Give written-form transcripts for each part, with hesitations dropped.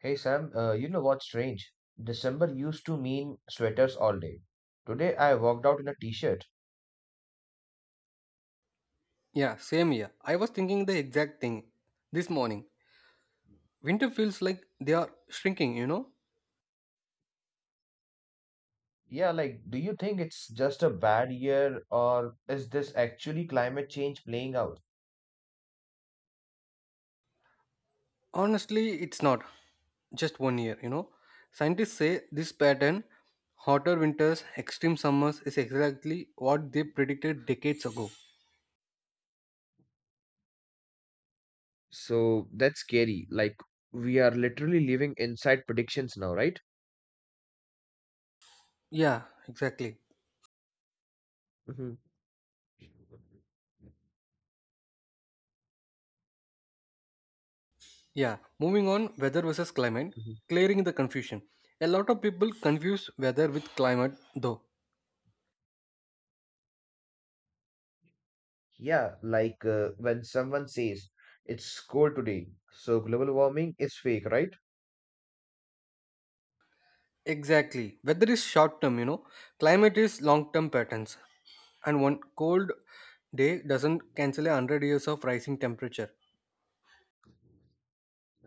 Hey Sam, you know what's strange? December used to mean sweaters all day. Today I walked out in a t-shirt. Yeah, same here. I was thinking the exact thing this morning. Winter feels like they are shrinking, you know? Yeah, like, do you think it's just a bad year or is this actually climate change playing out? Honestly, it's not. Just one year, you know? Scientists say this pattern, hotter winters, extreme summers, is exactly what they predicted decades ago. So that's scary. Like we are literally living inside predictions now, right? Yeah, exactly. hmm Yeah, moving on, weather versus climate, hmm clearing the confusion. A lot of people confuse weather with climate, though. Yeah, like when someone says it's cold today, so global warming is fake, right? Exactly. Weather is short term, you know. Climate is long term patterns. And one cold day doesn't cancel a 100 years of rising temperature.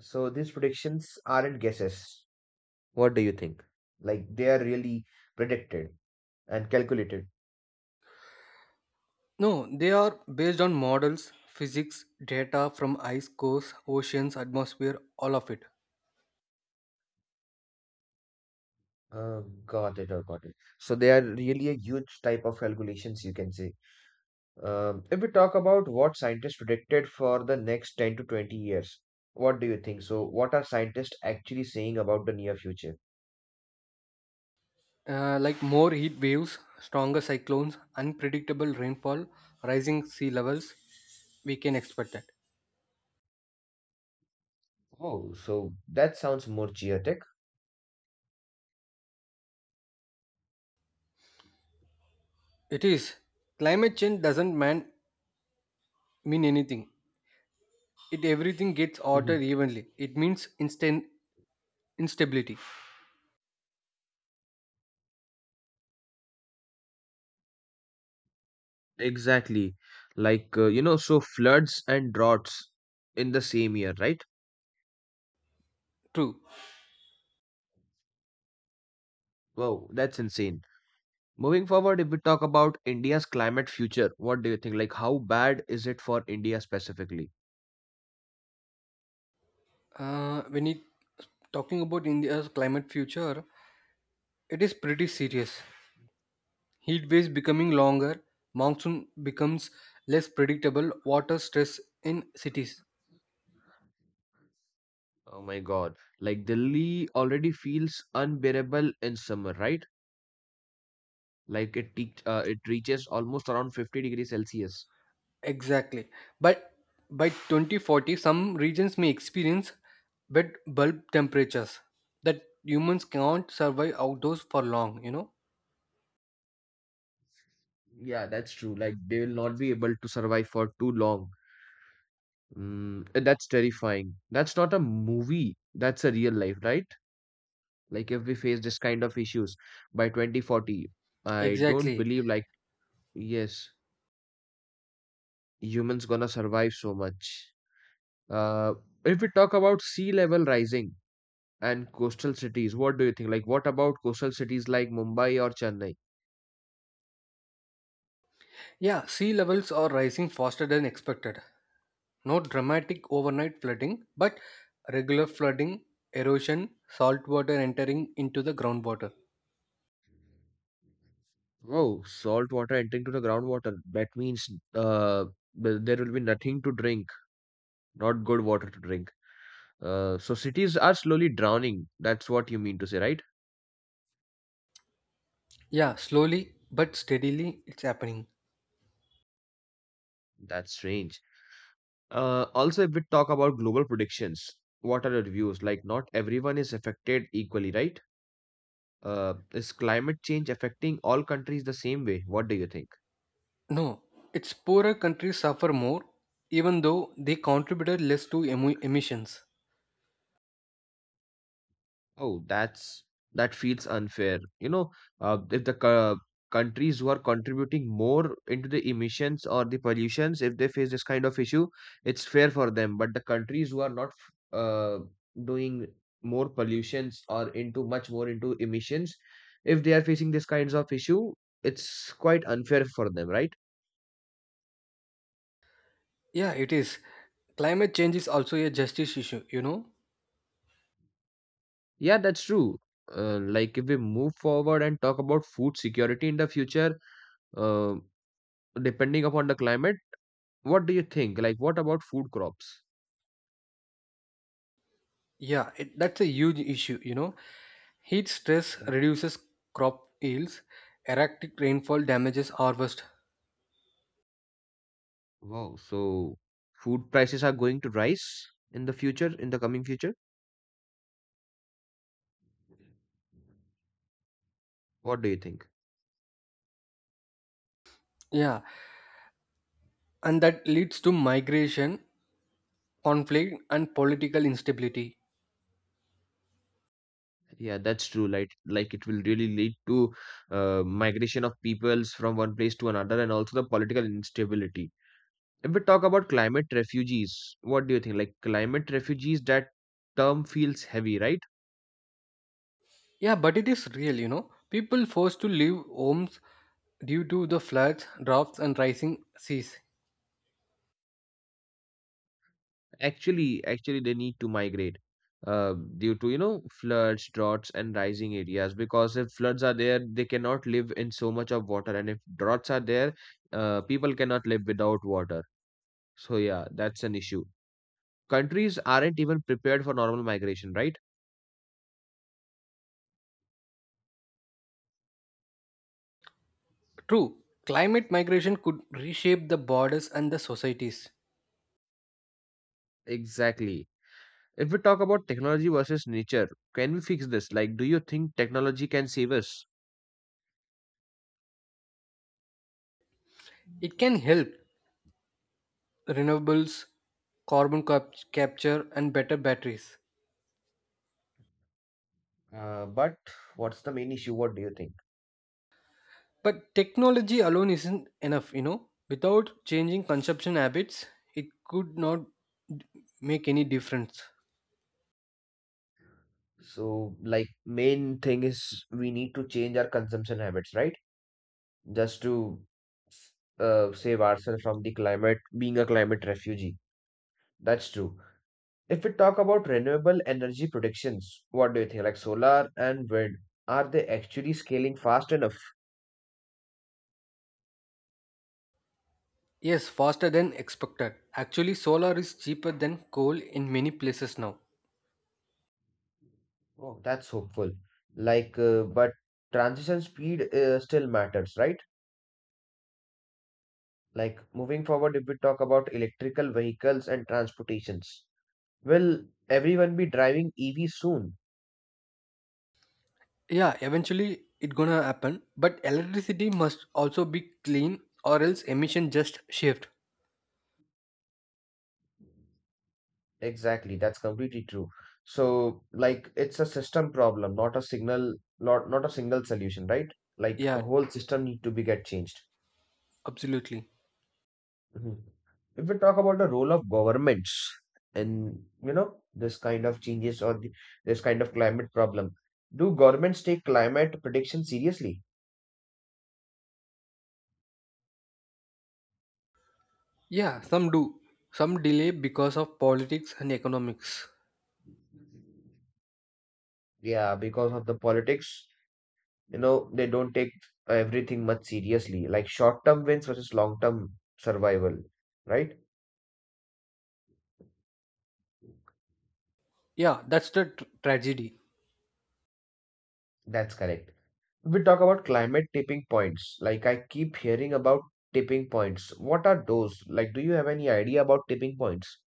So these predictions aren't guesses. What do you think? Like they are really predicted and calculated. No, they are based on models, physics, data from ice cores, oceans, atmosphere, all of it. Uh, got it. So they are really a huge type of calculations, you can say. If we talk about what scientists predicted for the next 10 to 20 years, what do you think? So what are scientists actually saying about the near future? Like more heat waves, stronger cyclones, unpredictable rainfall, rising sea levels, we can expect that. Oh, so that sounds more chaotic. It is. Climate change doesn't man, mean anything. It everything gets hmm altered evenly. It means instant instability. Exactly. Like, so floods and droughts in the same year, right? True. Wow, that's insane. Moving forward, if we talk about India's climate future, what do you think? Like, how bad is it for India specifically? When it talking about India's climate future, it is pretty serious. Heat waves becoming longer, monsoon becomes less predictable, water stress in cities. Oh my God. Like, Delhi already feels unbearable in summer, right? Like, it reaches almost around 50 degrees Celsius. Exactly. But by 2040, some regions may experience wet bulb temperatures that humans cannot survive outdoors for long, you know? Yeah, that's true. Like, they will not be able to survive for too long. Mm, and that's terrifying. That's not a movie, that's a real life, right? Like, if we face this kind of issues by 2040, I don't Exactly. believe, like, yes. Humans gonna survive so much. Uh, if we talk about sea level rising and coastal cities, what do you think? Like, what about coastal cities like Mumbai or Chennai? Yeah, sea levels are rising faster than expected. No dramatic overnight flooding, but regular flooding, erosion, salt water entering into the groundwater. Oh, salt water entering to the groundwater. That means uh, there will be nothing to drink, not good water to drink. So cities are slowly drowning. That's what you mean to say, right? Yeah, slowly but steadily it's happening. That's strange. Also, if we talk about global predictions, what are your views? Like, not everyone is affected equally, right? Is climate change affecting all countries the same way? What do you think? No, its poorer countries suffer more, even though they contributed less to emissions. Oh, that's that feels unfair. You know, if the co- countries who are contributing more into the emissions or the pollutions, if they face this kind of issue, it's fair for them. But the countries who are not doing more pollutions or into much more into emissions, if they are facing this kinds of issue, it's quite unfair for them, right? Yeah, it is. Climate change is also a justice issue, you know? Yeah, that's true. Like if we move forward and talk about food security in the future, uh, depending upon the climate, what do you think? Like, what about food crops? Yeah, that's a huge issue, you know? Heat stress Mhm. reduces crop yields, erratic rainfall damages harvest. Wow, so food prices are going to rise in the future, in the coming future? What do you think? Yeah, and that leads to migration, conflict, and political instability. Yeah, that's true. Like it will really lead to migration of peoples from one place to another, and also the political instability. If we talk about climate refugees, what do you think? Like climate refugees, that term feels heavy, right? Yeah, but it is real, you know. People forced to leave homes due to the floods, droughts, and rising seas. Actually, they need to migrate due to you know floods, droughts, and rising areas. Because if floods are there, they cannot live in so much of water, and if droughts are there, people cannot live without water. So yeah, that's an issue. Countries aren't even prepared for normal migration, right? True, climate migration could reshape the borders and the societies. Exactly. If we talk about technology versus nature, can we fix this? Like, do you think technology can save us? It can help renewables, carbon capture, and better batteries. But what's the main issue? What do you think? But technology alone isn't enough, you know. Without changing consumption habits, it could not d- make any difference. So, like, main thing is we need to change our consumption habits, right? Just to save ourselves from the climate, being a climate refugee. That's true. If we talk about renewable energy predictions, what do you think? Like solar and wind, are they actually scaling fast enough? Yes, faster than expected. Actually, solar is cheaper than coal in many places now. Oh, that's hopeful. Like, but transition speed still matters, right? Like, moving forward, if we talk about electrical vehicles and transportations, will everyone be driving EV soon? Yeah, eventually it gonna happen, but electricity must also be clean or else emission just shift. Exactly, that's completely true. So, like, it's a system problem, not a signal, not a single solution, right? Like, a Yeah, whole system need to be get changed. absolutely. Mhm. If we talk about the role of governments in, you know, this kind of changes or the this kind of climate problem, do governments take climate prediction seriously? Yeah, some do. Some delay because of politics and economics. Yeah, because of the politics, you know, they don't take everything much seriously, like short-term wins versus long-term survival, right? Yeah, that's the tragedy. That's correct. We talk about climate tipping points. Like I keep hearing about tipping points. What are those? Like, do you have any idea about tipping points?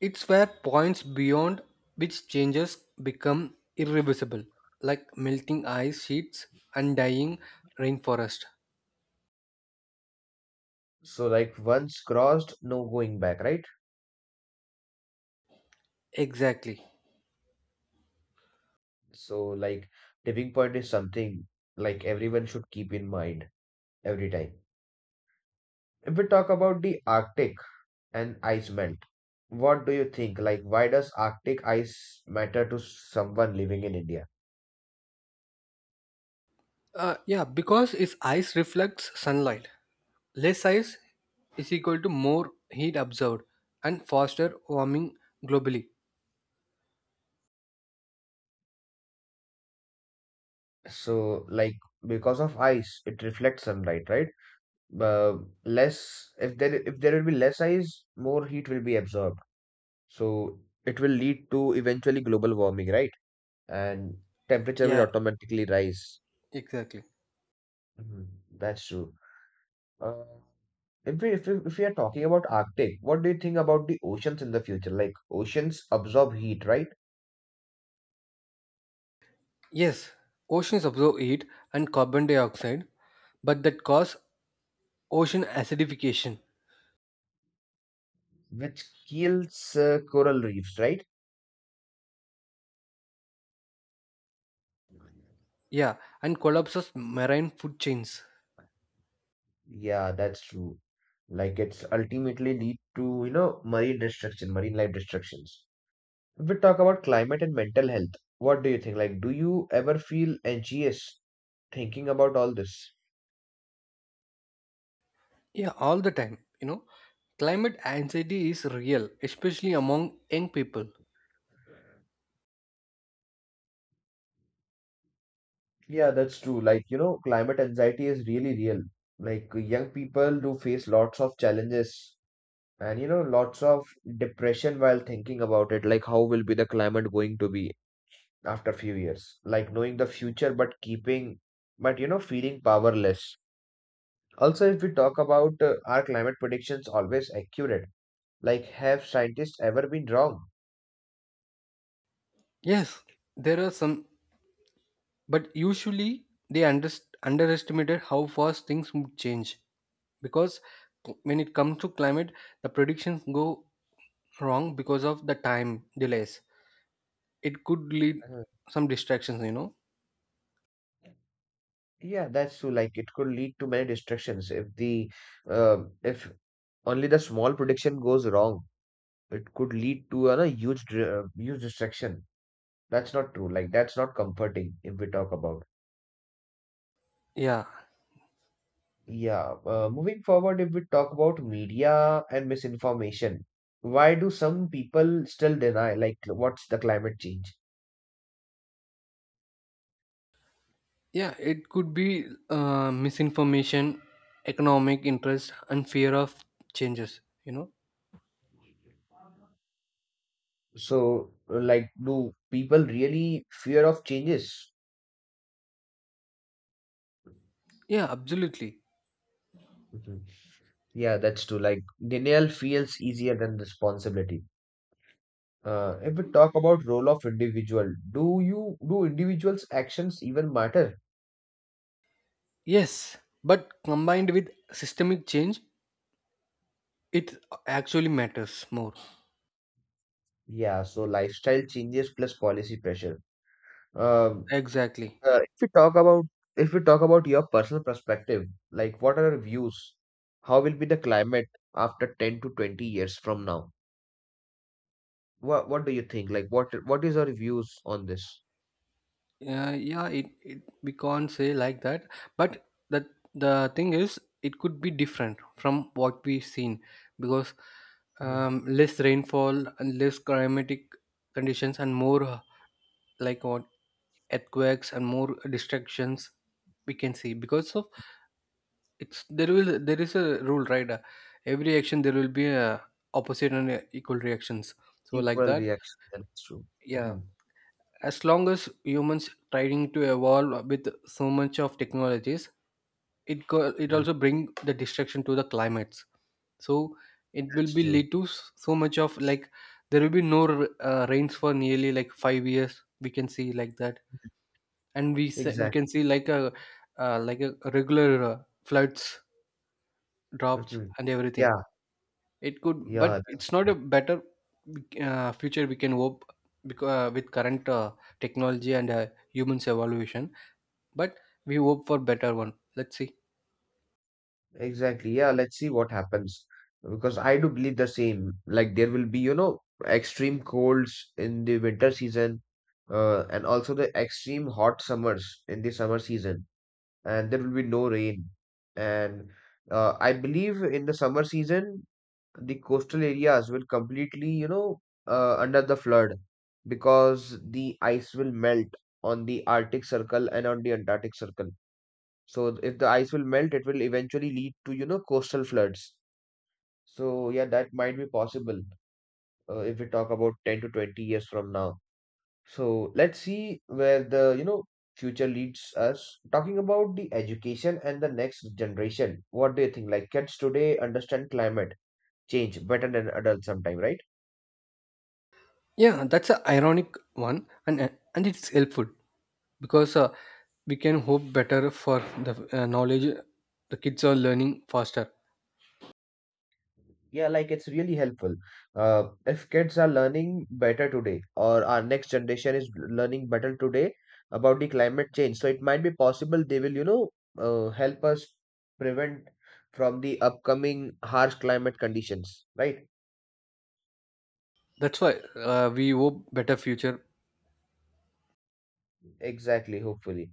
It's where points beyond which changes become irreversible, like melting ice sheets and dying rainforest. So, like, once crossed, no going back, right? Exactly. So, like, tipping point is something like everyone should keep in mind every time. If we talk about the Arctic and ice melt, what do you think? Like, why does Arctic ice matter to someone living in India? Yeah, because its ice reflects sunlight. Less ice is equal to more heat absorbed and faster warming globally. So, like, because of ice, it reflects sunlight, right? uh, less if there will be less ice, more heat will be absorbed. So it will lead to eventually global warming, right? And temperature will Yeah, automatically rise. exactly. Mhm. That's true. Uh, if we are talking about Arctic, what do you think about the oceans in the future? Like oceans absorb heat, right? Yes, oceans absorb heat and carbon dioxide, but that cause ocean acidification. Which kills coral reefs, right? Yeah, and collapses marine food chains. Yeah, that's true. Like it's ultimately lead to, you know, marine destruction, marine life destructions. If we talk about climate and mental health, what do you think? Like, do you ever feel anxious thinking about all this? Yeah, all the time. You know, climate anxiety is real, especially among young people. Yeah, that's true. Like, you know, climate anxiety is really real. Like, young people do face lots of challenges and, you know, lots of depression while thinking about it. Like, how will be the climate going to be after few years? Like, knowing the future, but you know, feeling powerless. Also, if we talk about are climate predictions always accurate? Like, have scientists ever been wrong? Yes, there are some, but usually they underestimated how fast things would change because when it comes to climate, the predictions go wrong because of the time delays. It could lead Uh, some distractions, you know. Yeah, that's true. Like it could lead to many distractions if the uh, if only the small prediction goes wrong, it could lead to a huge distraction. That's not true. Like that's not comforting if we talk about. Yeah, Yeah. Moving forward, if we talk about media and misinformation, why do some people still deny like what's the climate change? yeah, it could be misinformation, economic interest, and fear of changes, you know. So like do people really fear of changes? Yeah, absolutely. Mm-hmm. Yeah, that's true. Like denial feels easier than responsibility. If we talk about role of individual, do individuals' actions even matter? Yes, but combined with systemic change, it actually matters more. Yeah, so lifestyle changes plus policy pressure. Um, Exactly. uh, if we talk about if we talk about your personal perspective, like what are your views? How will be the climate after 10 to 20 years from now? What do you think? Like what is your views on this? Yeah. It we can't say like that, but the the thing is, it could be different from what we've seen because Mhm. Less rainfall and less climatic conditions and more like what earthquakes and more distractions we can see because of it's there will there is a rule, right? Every action there will be a opposite and equal reactions. So like Equal that, reaction. That's true. yeah. Mhm. As long as humans trying to evolve with so much of technologies, it go, it Mhm. also bring the destruction to the climates. So it will That's be true. lead to so much of like there will be no rains for nearly like 5 years. We can see like that, and we Exactly. can see like a regular floods, drops, hmm and everything. Yeah, It could, yeah, but that's it's not a better future we can hope because with current technology and humans evolution. But we hope for better one. Let's see. Exactly. Yeah, let's see what happens because I do believe the same. Like there will be, you know, extreme colds in the winter season, and also the extreme hot summers in the summer season, and there will be no rain. And I believe in the summer season, the coastal areas will completely, you know, under the flood because the ice will melt on the Arctic Circle and on the Antarctic Circle. So if the ice will melt, it will eventually lead to, you know, coastal floods. So yeah, that might be possible if we talk about 10 to 20 years from now. So let's see where the, you know, future leads us. Talking about the education and the next generation, what do you think? Like kids today understand climate change better than adults sometime, right? Yeah, that's an ironic one, and and it's helpful because we can hope better for the knowledge the kids are learning faster. Yeah, like it's really helpful. If kids are learning better today, or our next generation is learning better today about the climate change, so it might be possible they will, you know, help us prevent from the upcoming harsh climate conditions, right? That's why we hope better future. Exactly, hopefully.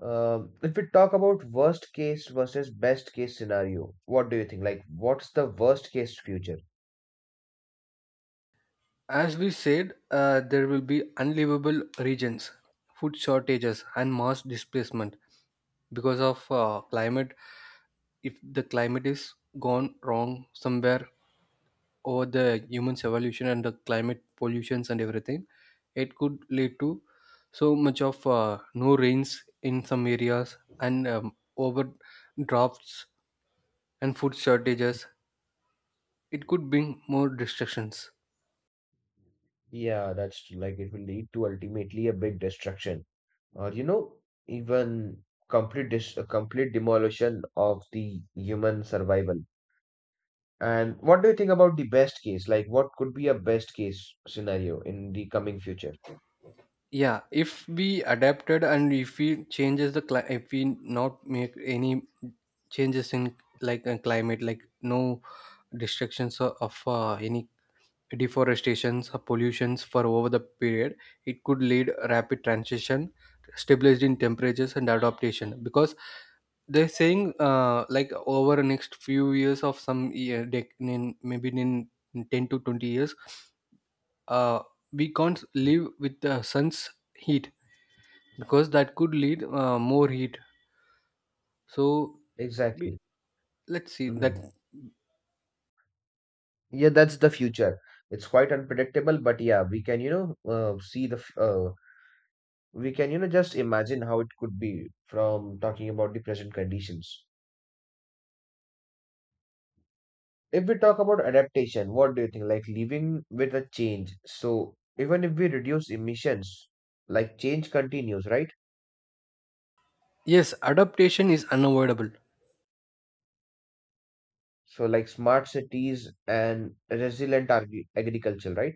If we talk about worst case versus best case scenario, what do you think? Like, what's the worst case future? As we said, there will be unlivable regions, food shortages, and mass displacement, because of climate. If the climate is gone wrong somewhere over the human's evolution and the climate pollutions and everything, it could lead to so much of no rains in some areas and over drafts and food shortages. It could bring more destructions. Yeah, that's like it will lead to ultimately a big destruction, or you know, even complete demolition of the human survival. And what do you think about the best case? Like what could be a best case scenario in the coming future? Yeah, if we adapted and if we changes the if we not make any changes in like climate, like no destructions of any deforestations or pollutions for over the period, it could lead rapid transition, stabilized in temperatures and adaptation. Because they're saying like over next few years of some year maybe in 10 to 20 years uh, we can't live with the sun's heat, because that could lead more heat. So Be- Exactly. let's see hmm that. yeah, that's the future. It's quite unpredictable, but yeah, we can you know we can you know just imagine how it could be from talking about the present conditions. If we talk about adaptation, what do you think? Like living with a change. So even if we reduce emissions, like change continues, right? Yes, adaptation is unavoidable. So like smart cities and resilient agriculture, right?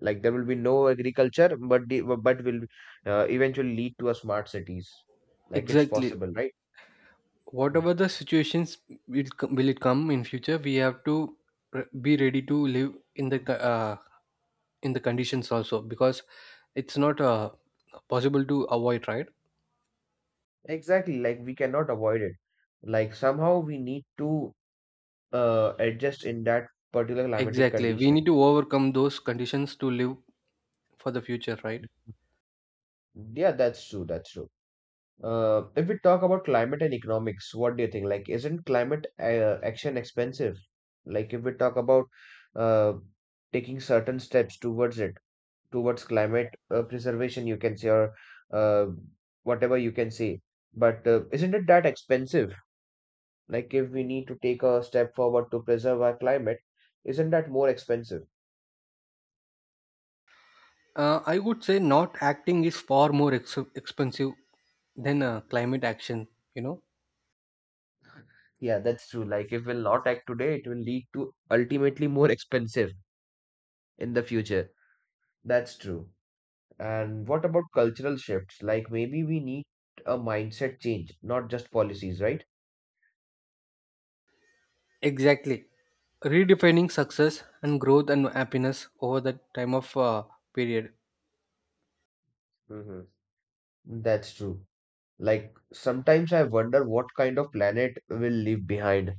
Like there will be no agriculture, but will eventually lead to a smart cities. Like it's Exactly, possible, right? Mhm. whatever the situations will it come in future, we have to be ready to live in the in the conditions also because it's not possible to avoid, right? Exactly. Like we cannot avoid it. Like somehow we need to adjust in that particular climatic Exactly, we condition. need to overcome those conditions to live for the future, right? Yeah, that's true. That's true. If we talk about climate and economics, what do you think? Like, isn't climate action expensive? Like, if we talk about uh, taking certain steps towards it, towards climate preservation, you can say, or uh, whatever you can say. But isn't it that expensive? Like, if we need to take a step forward to preserve our climate, isn't that more expensive? I would say not acting is far more expensive than climate action, you know. Yeah, that's true. Like, if we'll not act today, it will lead to ultimately more expensive in the future. That's true. And what about cultural shifts? Like maybe we need a mindset change, not just policies, right? Exactly. Redefining success and growth and happiness over the time of period. Hmm. That's true. Like sometimes I wonder what kind of planet will leave behind.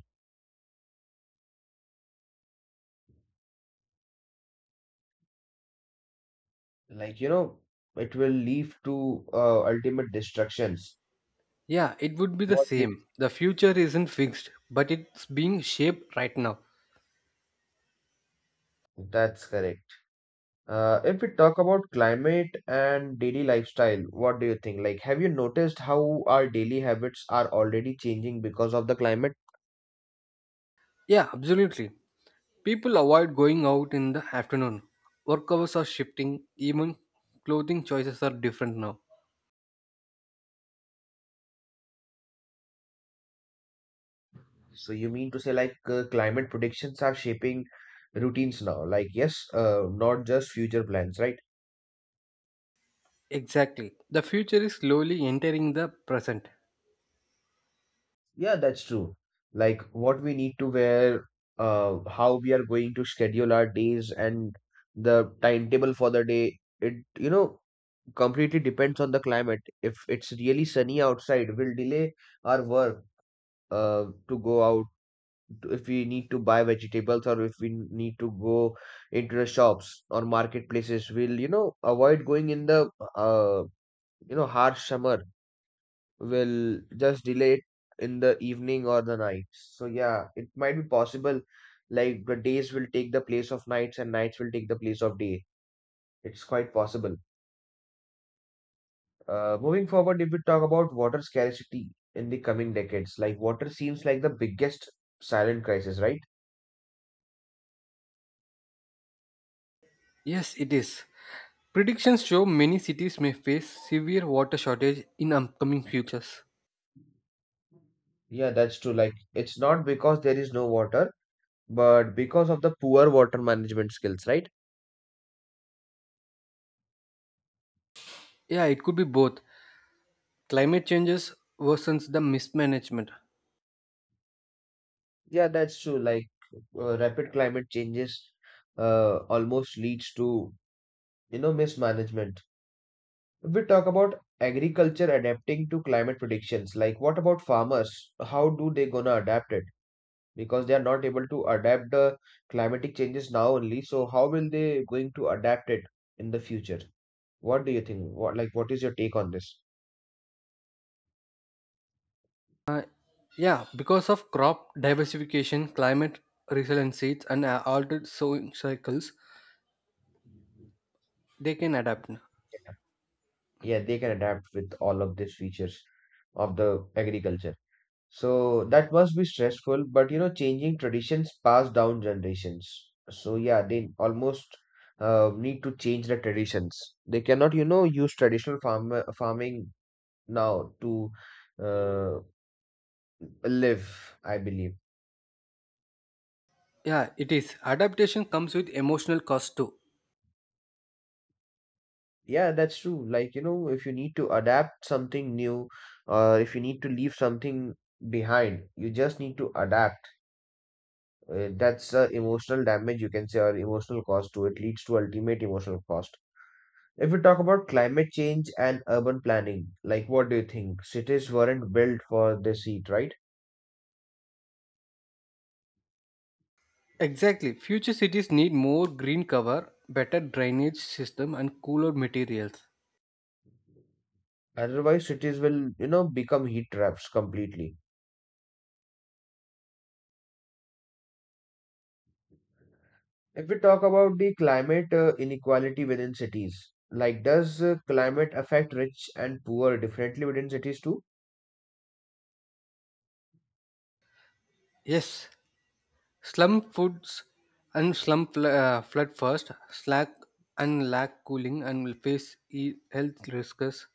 Like, it will lead to ultimate destructions. Yeah, it would be the What do you same. The future isn't fixed, but it's being shaped right now. think? That's correct. If we talk about climate and daily lifestyle, what do you think? Like, have you noticed how our daily habits are already changing because of the climate? Yeah, absolutely. People avoid going out in the afternoon. Work hours are shifting, even clothing choices are different now. So you mean to say like climate predictions are shaping routines now? Like yes, not just future plans, right? Exactly. The future is slowly entering the present. Yeah, that's true. Like what we need to wear, how we are going to schedule our days and the timetable for the day. It completely depends on the climate. If it's really sunny outside, we'll delay our work to go out if we need to buy vegetables or if we need to go into the shops or marketplaces, we'll avoid going in the uh, harsh summer. We'll just delay it in the evening or the night. So yeah, it might be possible, like the days will take the place of nights and nights will take the place of day. It's quite possible. Moving forward, if we talk about water scarcity in the coming decades, like water seems like the biggest silent crisis, right? Yes, it is. Predictions show many cities may face severe water shortage in upcoming futures. Yeah, that's true. Like, it's not because there is no water, but because of the poor water management skills, right? Yeah, it could be both. Climate changes worsens the mismanagement. Yeah, that's true. Like, rapid climate changes almost leads to, you know, mismanagement. If we talk about agriculture adapting to climate predictions, like what about farmers? How do they gonna adapt it? Because they are not able to adapt the climatic changes now only. So how will they going to adapt it in the future? What do you think? What like what is your take on this? Yeah, because of crop diversification, climate resilient seeds, and altered sowing cycles, they can adapt. Yeah, they can adapt with all of these features of the agriculture. So that must be stressful, but you know, changing traditions passed down generations. So yeah, they almost need to change the traditions. They cannot, you know, use traditional farming now to uh, live, I believe. Yeah, it is. Adaptation comes with emotional cost too. Yeah, that's true. Like, you know, if you need to adapt something new or if you need to leave something behind, you just need to adapt. That's emotional damage, you can say, or emotional cost to It leads to ultimate emotional cost. If we talk about climate change and urban planning, like what do you think? Cities weren't built for this heat, right? Exactly. Future cities need more green cover, better drainage system, and cooler materials. Otherwise, cities will, you know, become heat traps completely. If we talk about the climate inequality within cities, like does climate affect rich and poor differently within cities too? Yes, slum foods and flood first, slack and lack cooling, and will face health risks.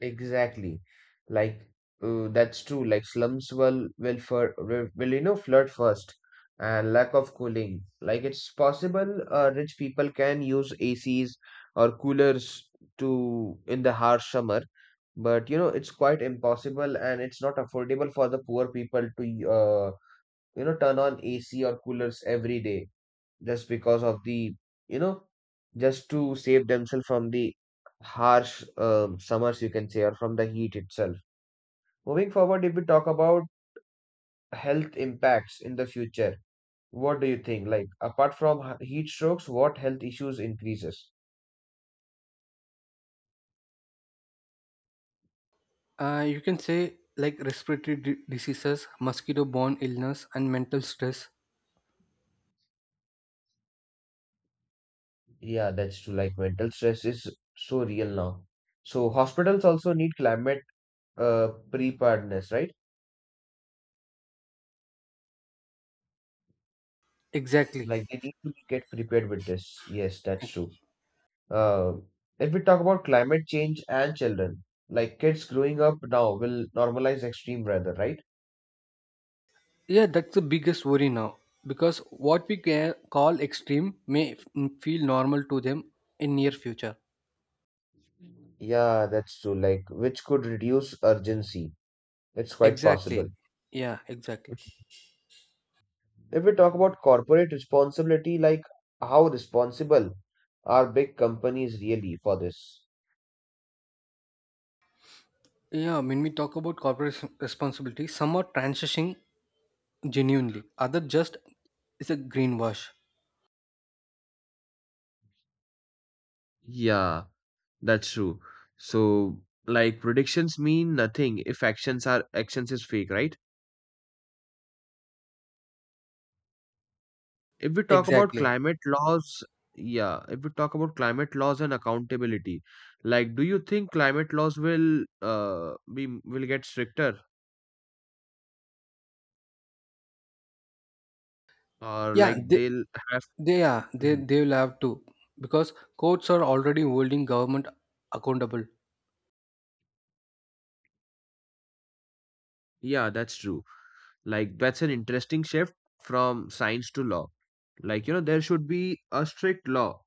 Exactly. Like that's true. Like slums will you know flood first and lack of cooling. Like it's possible, rich people can use ACs or coolers to in the harsh summer, but you know it's quite impossible and it's not affordable for the poor people to uh, you know turn on AC or coolers every day just because of the, you know, just to save themselves from the harsh summers, you can say, or from the heat itself. Moving forward, if we talk about health impacts in the future, what do you think? Like, apart from heat strokes, what health issues increases? You can say like respiratory diseases, mosquito-borne illness, and mental stress. Yeah, that's true. Like mental stress is so real now. So hospitals also need climate preparedness, right? Exactly. Like they need to get prepared with this. Yes, that's true. Uh, if we talk about climate change and children, like kids growing up now will normalize extreme weather, right? Yeah, that's the biggest worry now because what we call extreme may feel normal to them in near future. Yeah, that's true. Like, which could reduce urgency. It's quite Exactly. possible. Yeah, exactly. If we talk about corporate responsibility, like how responsible are big companies really for this? Yeah, when we talk about corporate responsibility, some are transitioning genuinely. Other just is a greenwash. Yeah, that's true. So, like predictions mean nothing if actions is fake, right? If we talk about Exactly. climate laws. Yeah, if we talk about climate laws and accountability, like do you think climate laws will be, will get stricter, or Yeah, like they, they'll have. They are. they Mhm. they will have to because courts are already holding government accountable. Yeah, that's true. Like that's an interesting shift from science to law. Like, you know, there should be a strict law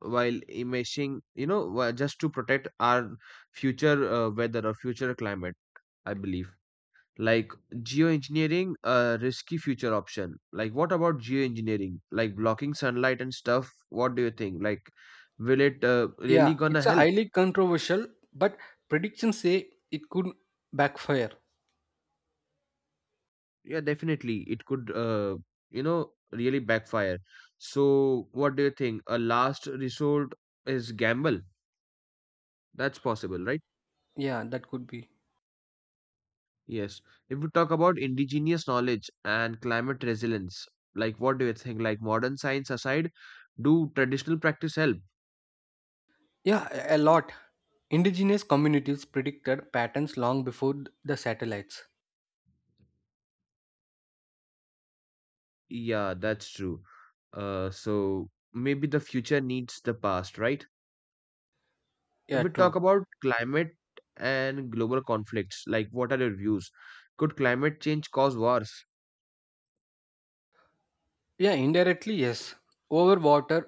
while imaging, you know, just to protect our future weather or future climate, I believe. Like geoengineering, a risky future option. Like what about geoengineering, like blocking sunlight and stuff? What do you think? Like will it really Yeah, gonna it's a help? highly controversial, but predictions say it could backfire. Yeah, definitely it could you know really backfire. So what do you think, a last resort is gamble? That's possible, right? Yeah, that could be. Yes. If we talk about indigenous knowledge and climate resilience, like what do you think? Like modern science aside, do traditional practice help? Yeah, a lot. Indigenous communities predicted patterns long before the satellites. Yeah, that's true. So maybe the future needs the past, right? If Yeah, we talk true. about climate and global conflicts, like what are your views? Could climate change cause wars? Yeah, indirectly, yes. Over water,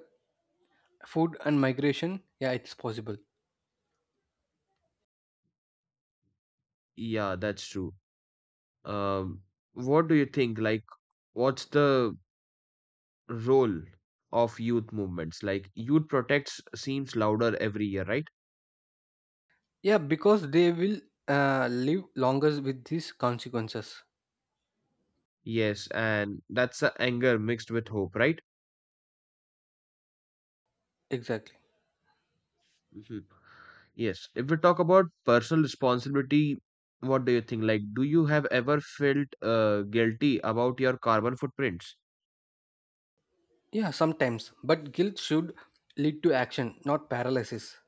food, and migration, yeah, it's possible. Yeah, that's true. Um, what do you think? Like, what's the role of youth movements? Like, youth protests seems louder every year, right? Yeah, because they will live longer with these consequences. Yes, and that's a anger mixed with hope, right? Exactly. Mhm. Yes. If we talk about personal responsibility, what do you think? Like, do you have ever felt guilty about your carbon footprints? Yeah, sometimes. But guilt should lead to action, not paralysis.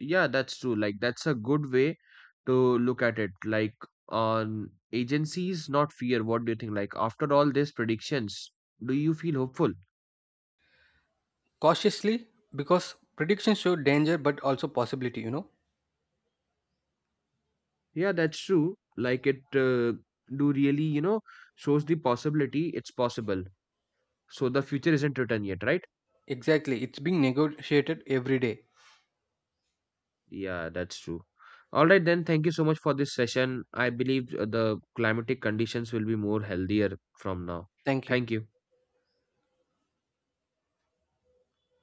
Yeah, that's true. Like, that's a good way to look at it. Like, on agencies, not fear. What do you think? Like, after all these predictions, do you feel hopeful? Cautiously, because predictions show danger but also possibility, you know? Yeah, that's true. Like, it do really, you know, shows the possibility. It's possible. So the future isn't written yet, right? Exactly. It's being negotiated every day. Yeah, that's true. All right, then. Thank you so much for this session. I believe the climatic conditions will be more healthier from now. Thank you. Thank you.